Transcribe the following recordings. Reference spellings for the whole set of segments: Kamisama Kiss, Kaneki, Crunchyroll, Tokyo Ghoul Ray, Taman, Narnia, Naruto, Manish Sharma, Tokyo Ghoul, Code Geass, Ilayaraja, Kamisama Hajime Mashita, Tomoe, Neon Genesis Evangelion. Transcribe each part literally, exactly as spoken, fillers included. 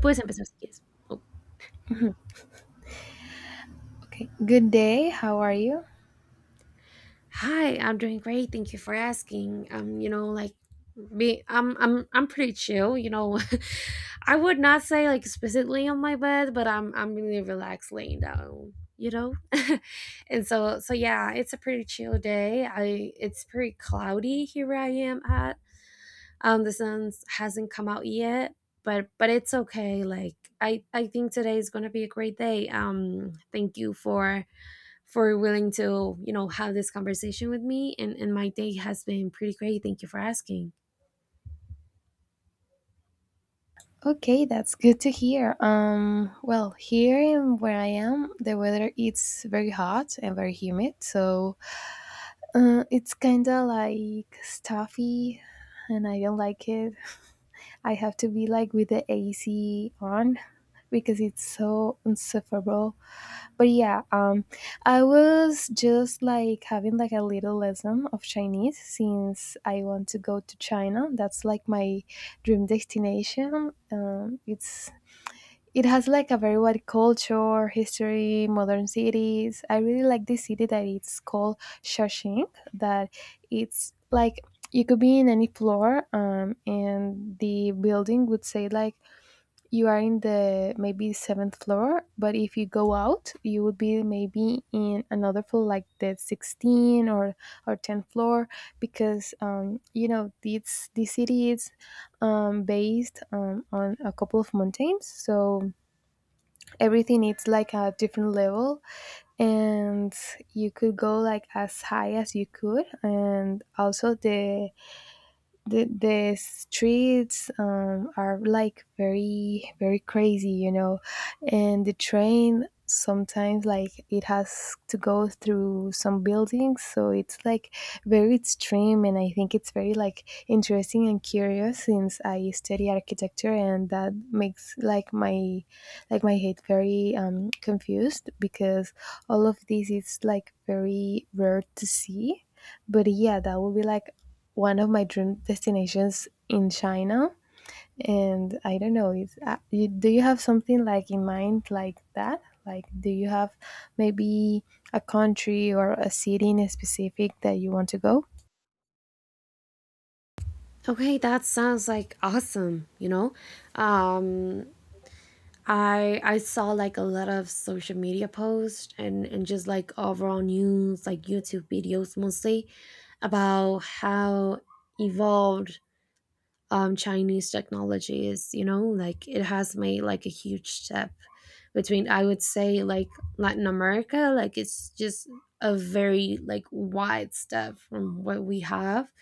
Puedes empezar si quieres. Oh. Okay. Good day. How are you? Hi, I'm doing great. Thank you for asking. Um, you know, like me, I'm I'm I'm pretty chill. You know, I would not say like specifically on my bed, but I'm I'm really relaxed laying down. You know, and so so yeah, it's a pretty chill day. I it's pretty cloudy here where I am at. Um, the sun hasn't come out yet, but but it's okay. Like I I think today is gonna be a great day. Um, thank you for for willing to you know have this conversation with me, and, and my day has been pretty great. Thank you for asking. Okay, that's good to hear. Um, well, here in where I am, the weather it's very hot and very humid, so uh, it's kind of like stuffy, and I don't like it. I have to be like with the A C on because it's so insufferable. But yeah, um I was just like having like a little lesson of Chinese since I want to go to China. That's like my dream destination um it's It has like a very wide culture, history, modern cities. I really like this city that it's called Shawshank, that it's like you could be in any floor um, and the building would say like you are in the maybe seventh floor, but if you go out, you would be maybe in another floor, like the sixteenth or or tenth floor, because um, you know, this this city is um, based um, on a couple of mountains, so everything is like a different level, and you could go like as high as you could, and also the the the streets um, are like very very crazy, you know. And the train sometimes like it has to go through some buildings, so it's like very extreme, and I think it's very like interesting and curious since I study architecture, and that makes like my like my head very um confused because all of this is like very rare to see. But yeah, that would be like one of my dream destinations in China. And I don't know, is uh, you, do you have something like in mind like that? Like, do you have maybe a country or a city in specific that you want to go? Okay, that sounds like awesome, you know. Um, i i saw like a lot of social media posts and and just like overall news, like YouTube videos mostly about how evolved um, Chinese technologies, you know, like it has made like a huge step between, I would say, like Latin America. Like it's just a very like wide step from what we have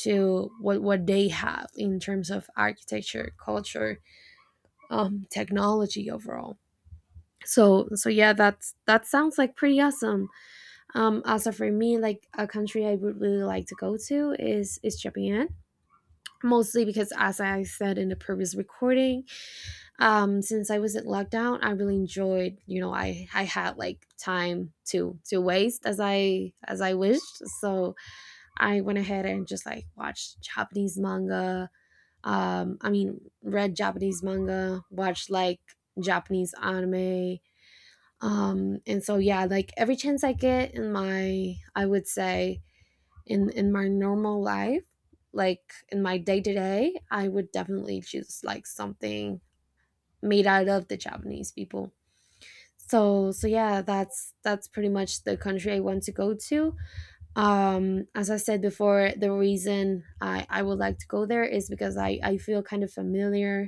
to what what they have in terms of architecture, culture, um, technology overall. So so yeah, that's, that sounds like pretty awesome. Um, also for me, like a country I would really like to go to is is Japan, mostly because, as I said in the previous recording. Um, since I was in lockdown, I really enjoyed, you know, I I had like time to to waste as I as I wished. So I went ahead and just like watched Japanese manga. Um, I mean, read Japanese manga, watched like Japanese anime. Um, and so yeah, like every chance I get in my, I would say, in in my normal life, like in my day to day, I would definitely choose like something made out of the Japanese people. So so yeah, that's that's pretty much the country I want to go to. Um, as I said before, the reason I, I would like to go there is because I, I feel kind of familiar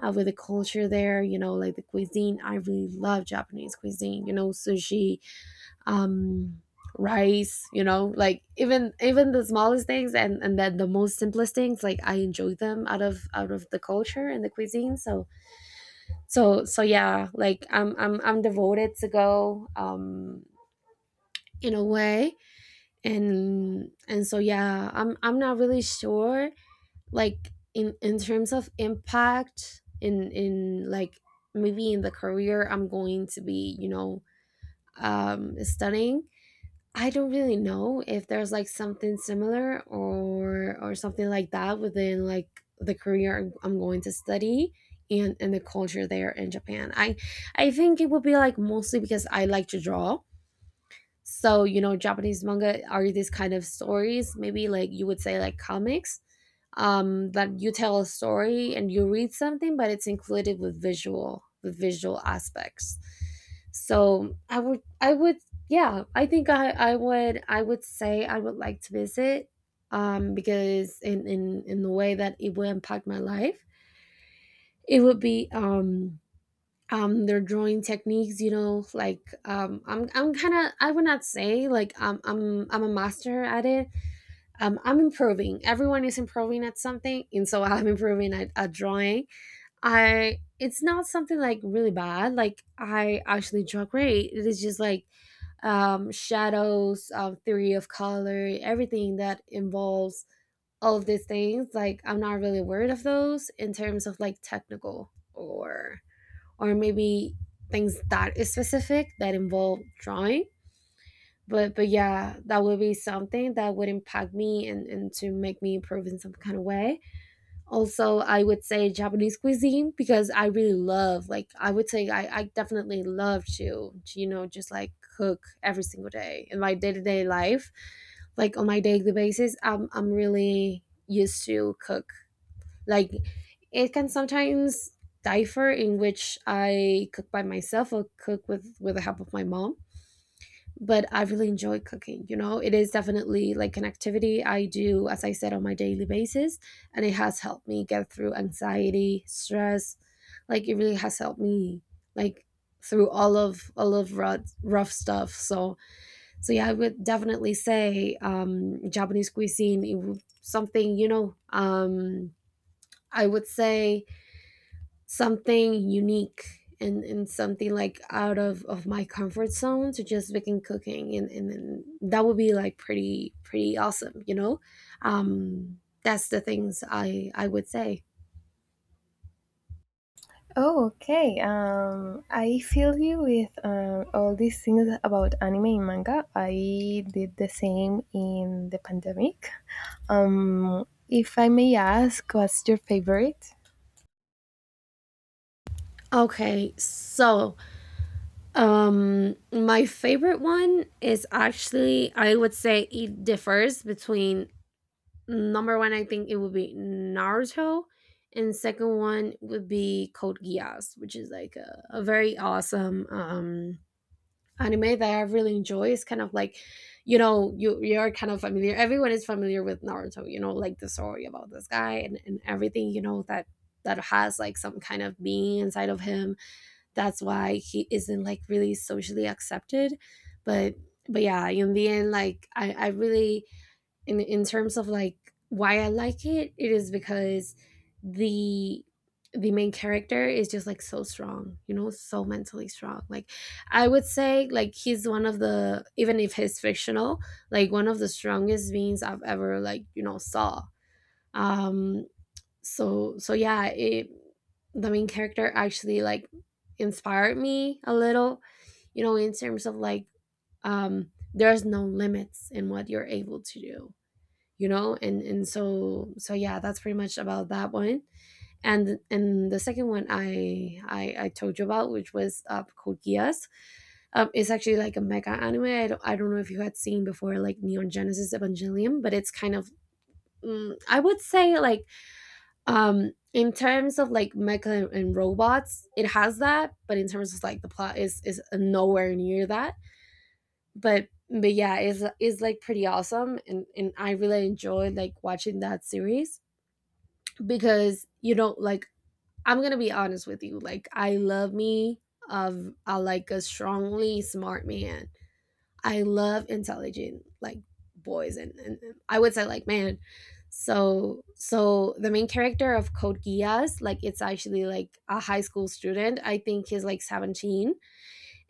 uh, with the culture there, you know, like the cuisine. I really love Japanese cuisine, you know, sushi, um, rice, you know, like even even the smallest things and, and then the most simplest things, like I enjoy them out of out of the culture and the cuisine. So so so yeah, like i'm i'm i'm devoted to go, um, in a way. And and so yeah, i'm i'm not really sure, like in in terms of impact in in like maybe in the career I'm going to be, you know, um, studying. I don't really know if there's like something similar or or something like that within like the career I'm I'm going to study and and the culture there in Japan. I I think it would be like mostly because I like to draw. So, you know, Japanese manga are these kind of stories, maybe like you would say like comics, um, that you tell a story and you read something, but it's included with visual with visual aspects. So I would I would yeah, I think I, I would I would say I would like to visit, um, because in, in in the way that it will impact my life, it would be um, um their drawing techniques, you know, like um, i'm i'm kind of, I would not say like um, i'm i'm a master at it. Um, I'm improving, everyone is improving at something, and so I'm improving at, at drawing. I It's not something like really bad, like I actually draw great. It is just like um, shadows, um, theory of color, everything that involves all of these things, like I'm not really worried of those in terms of like technical or or maybe things that is specific that involve drawing. But but yeah, that would be something that would impact me and, and to make me improve in some kind of way. Also, I would say Japanese cuisine because I really love, like I would say I, I definitely love to, to, you know, just like cook every single day in my day to day life. Like on my daily basis, I'm I'm really used to cook. Like it can sometimes differ in which I cook by myself or cook with with the help of my mom. But I really enjoy cooking. You know, it is definitely like an activity I do, as I said, on my daily basis, and it has helped me get through anxiety, stress. Like it really has helped me, like through all of all of rough, rough stuff. So so yeah, I would definitely say um, Japanese cuisine. It, would- something, you know. Um, I would say something unique and, and something like out of, of my comfort zone to just begin cooking, and, and, and that would be like pretty pretty awesome, you know. um that's the things i i would say. Oh, okay. Um, I feel you with uh, all these things about anime and manga. I did the same in the pandemic. Um, if I may ask, what's your favorite? Okay, so um, my favorite one is actually, I would say, it differs between number one, I think it would be Naruto, and second one would be Code Geass, which is like a, a very awesome um, anime that I really enjoy. Is kind of like, you know, you you're kind of familiar. Everyone is familiar with Naruto, you know, like the story about this guy and, and everything, you know, that that has like some kind of being inside of him. That's why he isn't like really socially accepted. But but yeah, in the end, like I, I really, in in terms of like why I like it, it is because the the main character is just like so strong, you know, so mentally strong. Like I would say like he's one of the, even if he's fictional, like one of the strongest beings I've ever like, you know, saw. Um, so so yeah, it the main character actually like inspired me a little, you know, in terms of like, um, there's no limits in what you're able to do, you know. And and so so yeah, that's pretty much about that one. And and the second one i i, I told you about, which was uh, Code Geass. Um, it's actually like a mecha anime. I don't, I don't know if you had seen before like Neon Genesis Evangelium, but it's kind of, mm, I would say like um, in terms of like mecha and, and robots, it has that, but in terms of like the plot is is nowhere near that. But but yeah, it's, it's like pretty awesome and and I really enjoyed like watching that series. Because, you know, like I'm gonna be honest with you, like I love me of, I like a strongly smart man. I love intelligent like boys, and, and and, I would say, like man. So so the main character of Code Geass, like it's actually like a high school student, I think he's like seventeen,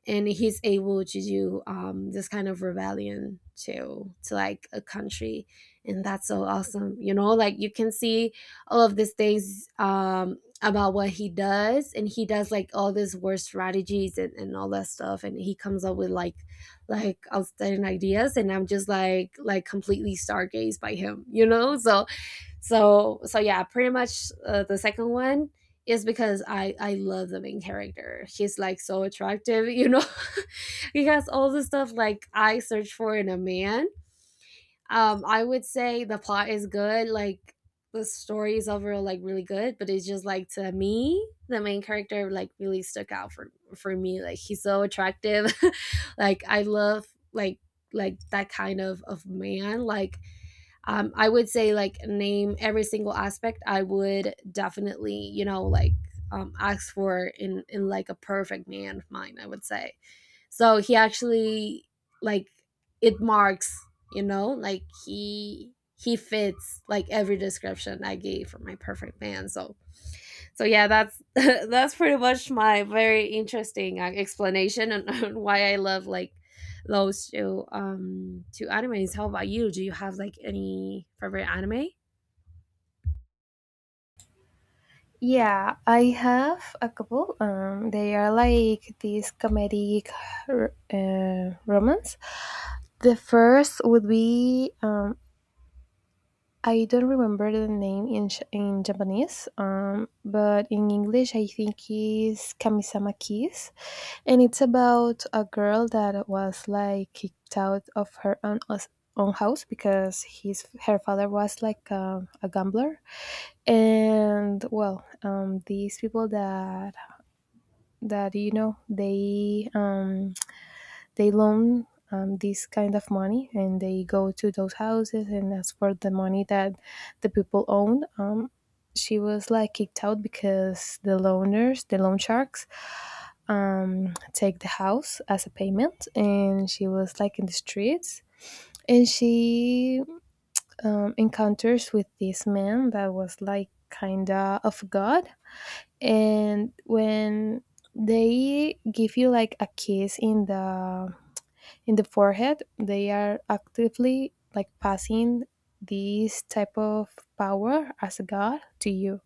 and he's able to do um, this kind of rebellion to to like a country, and that's so awesome, you know, like you can see all of these things um, about what he does, and he does like all these war strategies and, and all that stuff, and he comes up with like, like outstanding ideas, and I'm just like, like completely stargazed by him, you know. So so so yeah, pretty much uh, the second one is because I I love the main character. He's like so attractive, you know. He has all the stuff like I search for in a man. Um, I would say the plot is good. Like the story is overall like really good, but it's just like to me the main character like really stuck out for for me. Like he's so attractive. Like I love like, like that kind of of man. Like, um, I would say like name every single aspect. I would definitely, you know, like um, ask for in in like a perfect man of mine, I would say. So he actually, like, it marks, you know, like he he fits like every description I gave for my perfect man. So so yeah, that's that's pretty much my very interesting uh, explanation on, on why I love like laws to um, to animes. How about you? Do you have like any favorite anime? Yeah, I have a couple. Um, they are like these comedic r- uh, romance. The first would be um, I don't remember the name in Ch- in Japanese, um, but in English I think is Kamisama Kiss, and it's about a girl that was like kicked out of her own us- own house because his her father was like a, a gambler, and well, um, these people that that you know, they um, they loan um, this kind of money, and they go to those houses and ask for the money that the people own. Um, she was like kicked out because the loaners, the loan sharks, um, take the house as a payment, and she was like in the streets. And she um, encounters with this man that was like kind of of God, and when they give you like a kiss in the in the forehead, they are actively like passing this type of power as a god to you.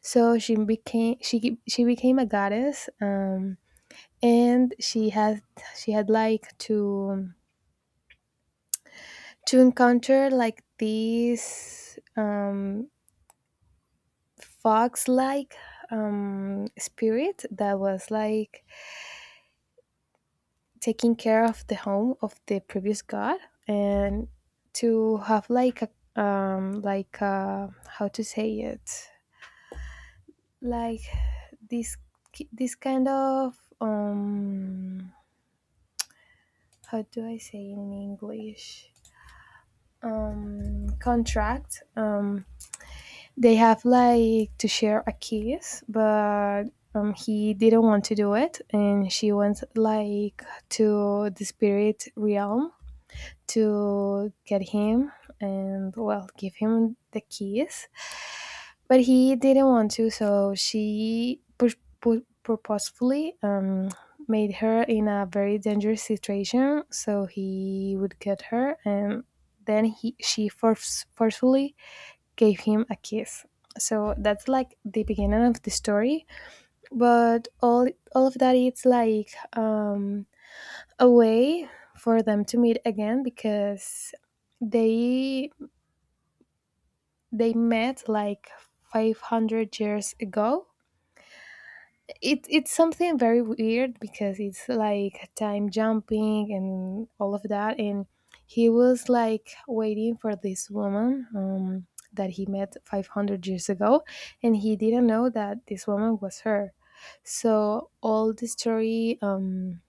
So she became she ge- she became a goddess, um and she had she had like to to encounter like this um fox like um spirit that was like taking care of the home of the previous god, and to have like a um like uh how to say it, like this ki- this kind of um how do I say in English, um contract, um they have like to share a kiss, but um, he didn't want to do it, and she went like to the spirit realm to get him, and well, give him the keys, but he didn't want to, so she pur- pur- purposefully um, made her in a very dangerous situation so he would get her, and then he she force, forcefully gave him a kiss. So that's like the beginning of the story, but all all of that it's like um a way for them to meet again, because they they met like five hundred years ago. It it's something very weird because it's like time jumping and all of that, and he was like waiting for this woman um that he met five hundred years ago, and he didn't know that this woman was her. So all the story um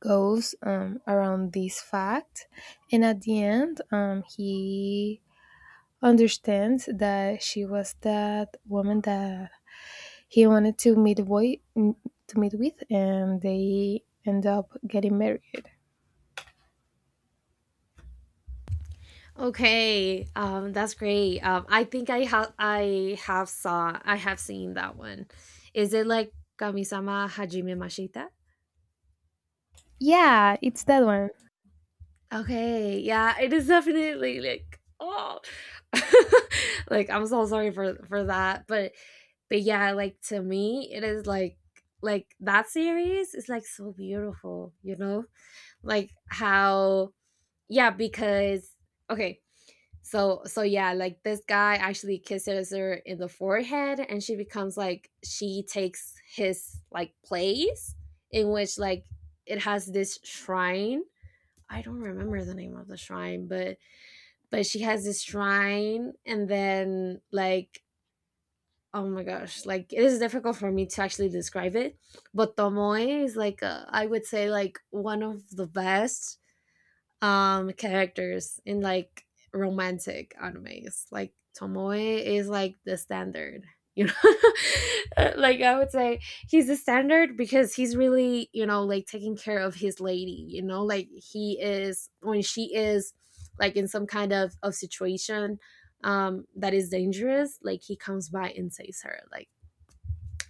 goes um, around this fact. And at the end, um, he understands that she was that woman that he wanted to meet boy to meet with, and they end up getting married. Okay, um, that's great. Um, I think I have I have saw I have seen that one. Is it like Kamisama Hajime Mashita? Yeah, it's that one. Okay, yeah, it is definitely like oh, like I'm so sorry for for that, but but yeah, like to me, it is like like that series is like so beautiful, you know Like how, yeah, because okay, so so yeah, like this guy actually kisses her in the forehead and she becomes like she takes his like place, in which like it has this shrine. I don't remember the name of the shrine, but but she has this shrine and then like oh my gosh, like it is difficult for me to actually describe it. But Tomoe is like uh, I would say like one of the best um characters in like romantic animes. Like Tomoe is like the standard. You know, like I would say he's the standard because he's really, you know, like taking care of his lady, you know, like he is when she is like in some kind of, of situation um that is dangerous, like he comes by and saves her. Like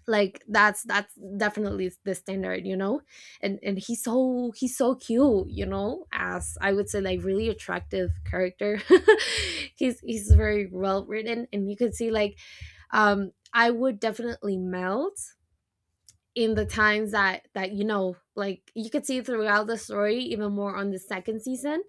like that's that's definitely the standard, you know. And and he's so he's so cute, you know, as I would say like really attractive character. he's he's very well written and you can see like um I would definitely melt in the times that that you know, like you could see throughout the story, even more on the second season,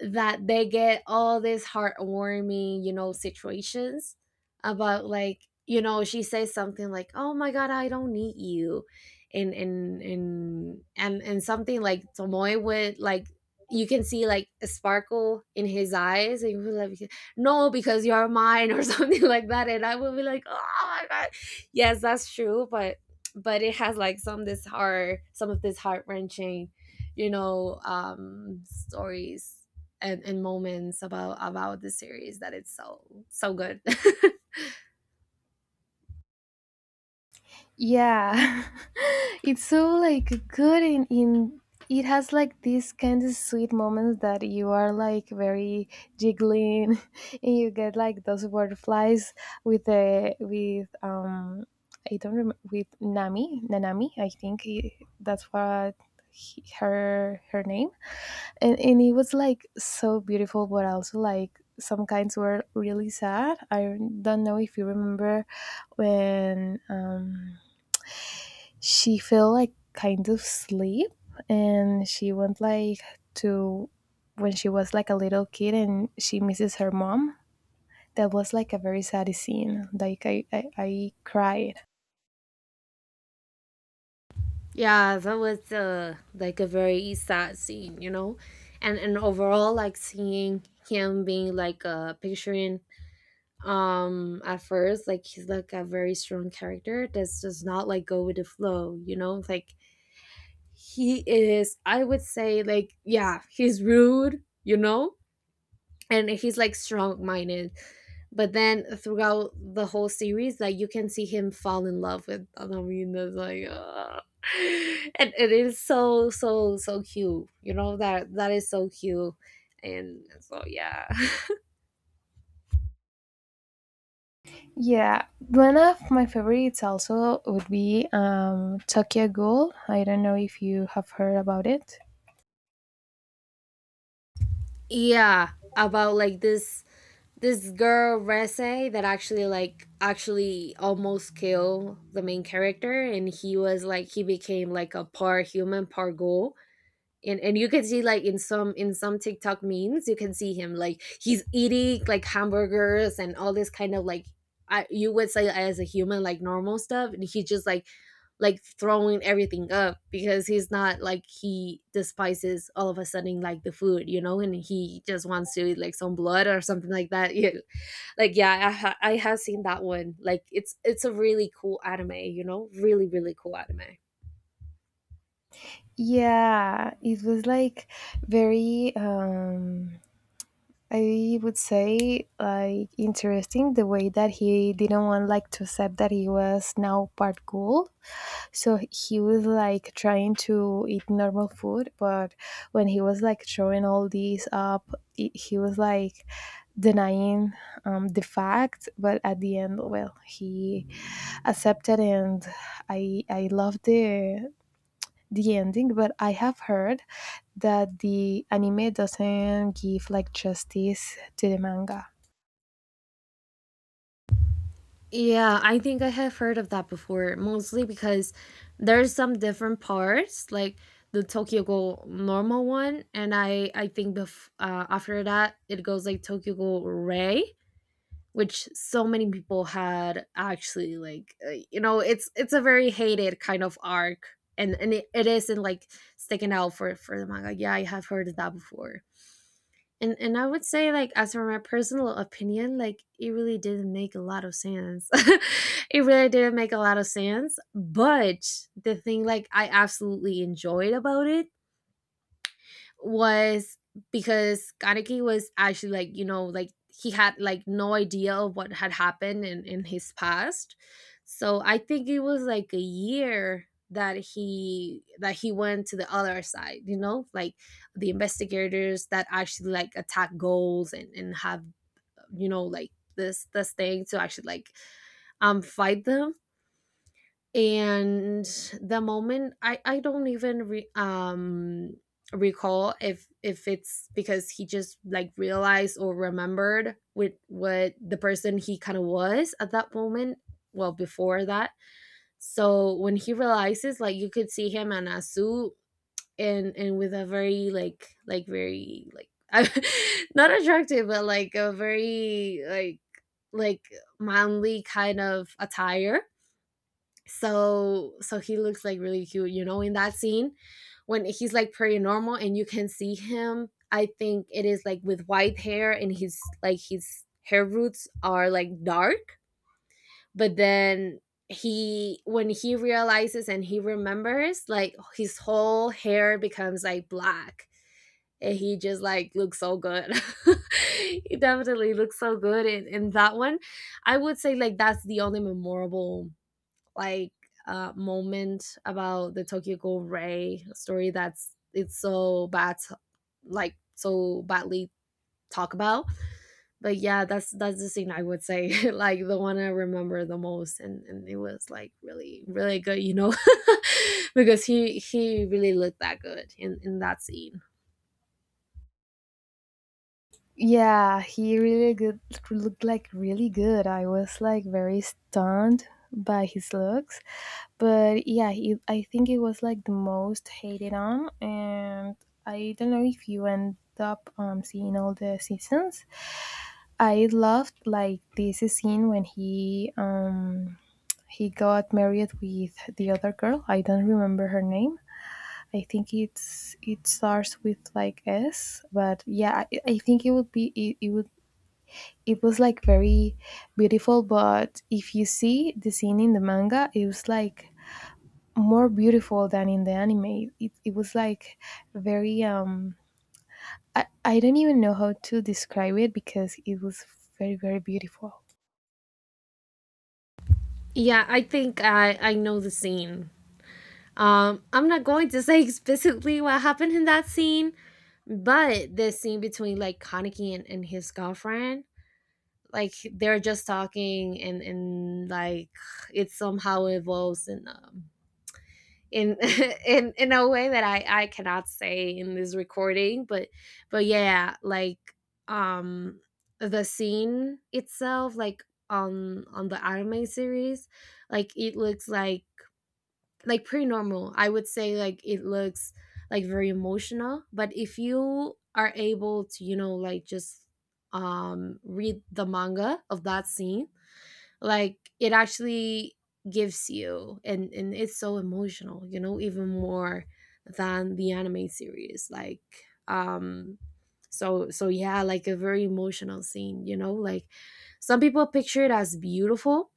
that they get all these heartwarming, you know, situations about like, you know, she says something like, "Oh my god, I don't need you." And and and and and something like Tomoe would, like, you can see like a sparkle in his eyes and he would like, no, because you're mine, or something like that, and I would be like, "Oh my god." Yes, that's true, but but it has like some this heart, some of this heart-wrenching, you know, um stories and, and moments about about the series, that it's so so good. Yeah. It's so like good in in it has like these kind of sweet moments that you are like very jiggling, and you get like those butterflies with the with um I don't remember, with Nami Nanami I think he, that's what he, her her name. and and it was like so beautiful, but also like some kinds were really sad. I don't know if you remember when um she fell like kind of sleep, and she went like to when she was like a little kid and she misses her mom. That was like a very sad scene, like i i, I cried. Yeah, that was uh, like a very sad scene, you know, and and overall, like seeing him being like uh, picturing um at first, like he's like a very strong character that does not like go with the flow, you know, like he is. I would say like, yeah, he's rude, you know, and he's like strong minded, but then throughout the whole series, like you can see him fall in love with Anamina, like ah. And it is so so so cute, you know, that that is so cute. And so yeah. Yeah, one of my favorites also would be um Tokyo Ghoul. I don't know if you have heard about it. Yeah, about like this this girl Rese that actually like actually almost kill the main character, and he was like he became like a part human, part ghoul. And and you can see like in some, in some TikTok memes, you can see him like he's eating like hamburgers and all this kind of like, I, you would say as a human, like normal stuff, and he's just like like throwing everything up because he's not like, he despises all of a sudden like the food, you know, and he just wants to eat like some blood or something like that. Yeah, like yeah, I ha- I have seen that one. Like it's it's a really cool anime, you know, really really cool anime. Yeah, it was like very um I would say like interesting the way that he didn't want like to accept that he was now part ghoul. So he was like trying to eat normal food, but when he was like throwing all these up, I he was like denying um, the fact. But at the end, well, he accepted, and I I love the the ending, but I have heard that the anime doesn't give like justice to the manga. Yeah, I think I have heard of that before, mostly because there's some different parts, like the Tokyo Ghoul normal one, and I I think bef- uh, after that it goes like Tokyo Ghoul Ray, which so many people had actually like uh, you know, it's it's a very hated kind of arc, and and it, it isn't like sticking out for for the manga. Yeah, I have heard of that before. And and I would say like, as for my personal opinion, like it really didn't make a lot of sense. It really didn't make a lot of sense. But the thing like I absolutely enjoyed about it was because Kaneki was actually like, you know, like he had like no idea of what had happened in, in his past. So I think it was like a year that he that he went to the other side, you know, like the investigators that actually like attack goals, and, and have, you know, like this this thing to actually like um fight them. And the moment I I don't even re- um recall if if it's because he just like realized or remembered with what the person he kind of was at that moment, well, before that. So when he realizes, like you could see him in a suit, and and with a very like like very like, not attractive, but like a very like like manly kind of attire. So so he looks like really cute, you know, in that scene, when he's like pretty normal, and you can see him, I think it is like with white hair and his like his hair roots are like dark, but then he, when he realizes and he remembers, like his whole hair becomes like black, and he just like looks so good. He definitely looks so good in, in that one. I would say like that's the only memorable like uh, moment about the Tokyo Ghoul Ray story, that's it's so bad, like so badly talk about. But yeah, that's that's the scene I would say like the one I remember the most, and and it was like really really good, you know, because he he really looked that good in in that scene. Yeah, he really good looked like really good. I was like very stunned by his looks, but yeah, he, I think it was like the most hated on, and I don't know if you end up um, seeing all the seasons. I loved like this scene when he um he got married with the other girl. I don't remember her name. I think it's it starts with like S, but yeah, I, I think it would be it, it would it was like very beautiful. But if you see the scene in the manga, it was like more beautiful than in the anime. It it was like very um I I don't even know how to describe it because it was very very beautiful. Yeah, I think I I know the scene. Um, I'm not going to say explicitly what happened in that scene, but the scene between like Kaneki and, and his girlfriend, like they're just talking, and and like it somehow evolves in um in in in a way that I I cannot say in this recording, but but yeah, like um the scene itself, like on on the anime series, like it looks like like pretty normal. I would say like it looks like very emotional, but if you are able to, you know, like just um read the manga of that scene, like it actually gives you, and and it's so emotional, you know, even more than the anime series. Like um so so yeah, like a very emotional scene, you know, like some people picture it as beautiful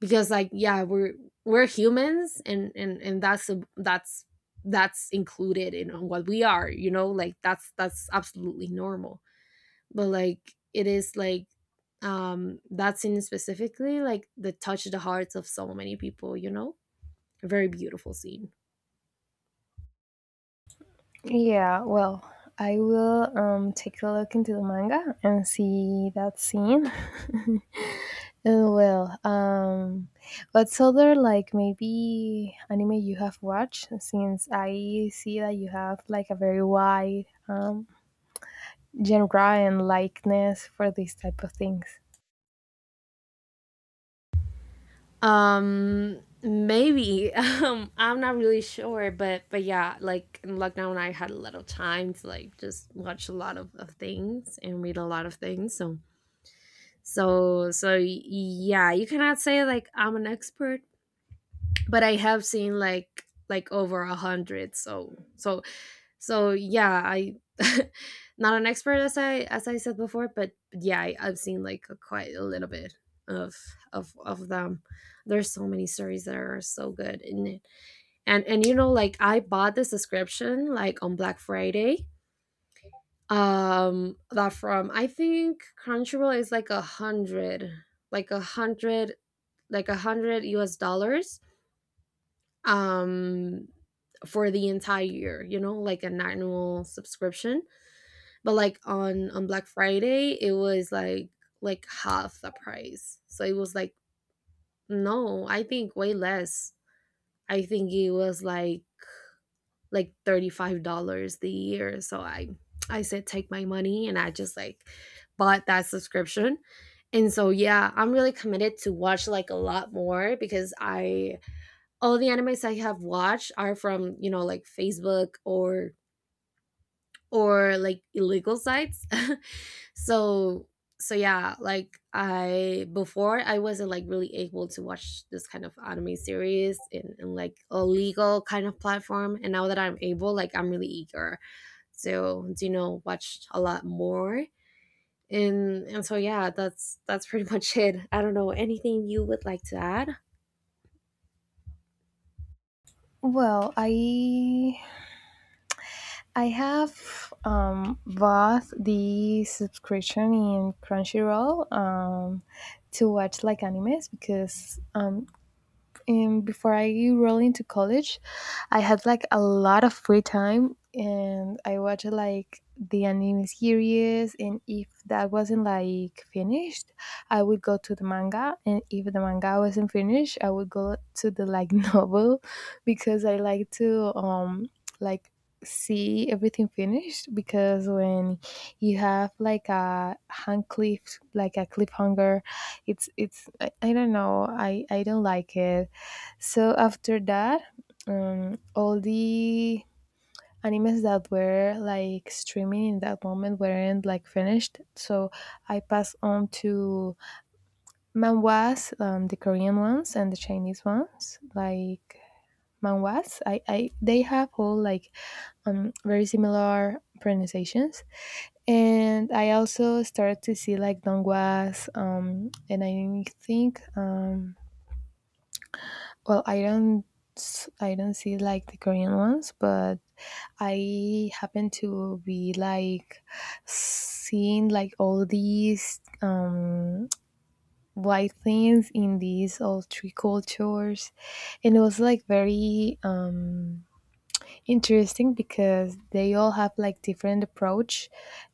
because like, yeah, we're we're humans, and and and that's a, that's that's included in what we are, you know, like that's that's absolutely normal, but like it is like um that scene specifically like the touch the hearts of so many people, you know, a very beautiful scene. Yeah, well, I will um, take a look into the manga and see that scene. And well, um, what's other like maybe anime you have watched? Since I see that you have like a very wide um, genre and likeness for these type of things. Um, maybe, um, I'm not really sure, but but yeah, like in lockdown I had a lot of time to like just watch a lot of, of things and read a lot of things. So, so so yeah, you cannot say like I'm an expert, but I have seen like like over a hundred. So, so so yeah, I not an expert, as I as I said before, but yeah, I, I've seen like a, quite a little bit of of of them. There's so many stories that are so good in it, and and you know, like I bought the subscription like on Black Friday. Um, that from I think Crunchyroll is like a hundred, like a hundred like a hundred U S dollars um for the entire year, you know, like an annual subscription. But like on on Black Friday, it was like like half the price. So it was like no, I think way less. I think it was like like thirty-five dollars the year. So I I said, take my money, and I just like bought that subscription. And so yeah, I'm really committed to watch like a lot more, because I, all the animes I have watched are from, you know, like Facebook or or like illegal sites. So, so yeah, like I, before I wasn't like really able to watch this kind of anime series in, in like a legal kind of platform, and now that I'm able, like I'm really eager to, you know, watch a lot more. And and so yeah, that's that's pretty much it. I don't know anything you would like to add. Well, I I have um, bought the subscription in Crunchyroll um, to watch like animes because um, um, before I roll into college, I had like a lot of free time and I watched like the anime series. And if that wasn't like finished, I would go to the manga. And if the manga wasn't finished, I would go to the like novel because I like to um like see everything finished, because when you have like a hand cliff like a cliffhanger, it's it's I, I don't know, I I don't like it. So after that, um, all the animes that were like streaming in that moment weren't like finished. So I passed on to manhwas, um, the Korean ones and the Chinese ones. Like manhwas, I, I they have all like um very similar pronunciations. And I also started to see like dongwas, um, and I think um, well, I don't s- I don't see like the Korean ones, but I happen to be like seeing like all these um, white things in these all three cultures, and it was like very um, interesting because they all have like different approach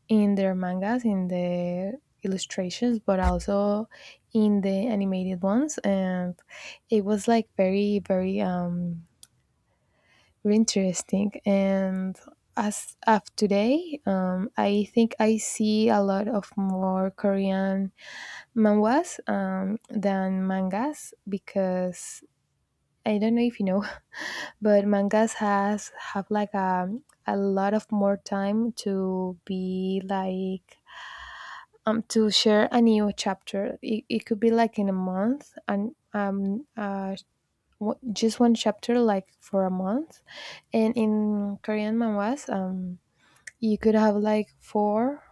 in their mangas, in the illustrations, but also in the animated ones, and it was like very very um, interesting. And as of today, um, I think I see a lot of more Korean manhwas um, than mangas, because I don't know if you know, but mangas has have like a a lot of more time to be like um to share a new chapter. It, it could be like in a month, and um a w- just one chapter like for a month. And in Korean manhwas, um, you could have like four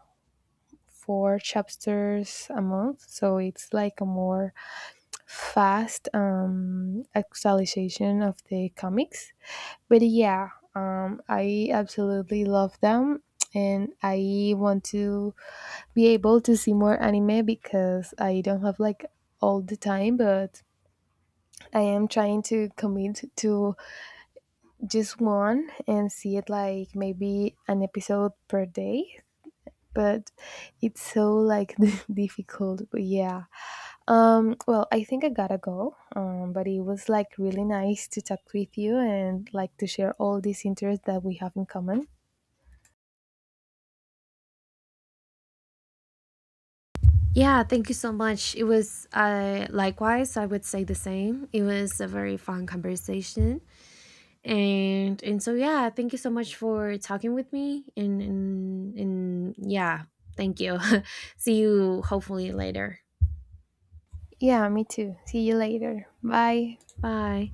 four chapters a month, so it's like a more fast um, actualization of the comics. But yeah, um, I absolutely love them, and I want to be able to see more anime because I don't have like all the time, but I am trying to commit to just one and see it like maybe an episode per day. But it's so like difficult. But yeah, um well, I think I gotta go. Um but it was like really nice to talk with you and like to share all these interests that we have in common. Yeah, thank you so much. It was uh, likewise, I would say the same. It was a very fun conversation. And and so yeah, thank you so much for talking with me and and, and yeah, thank you. See you hopefully later. Yeah, me too. See you later. Bye. Bye.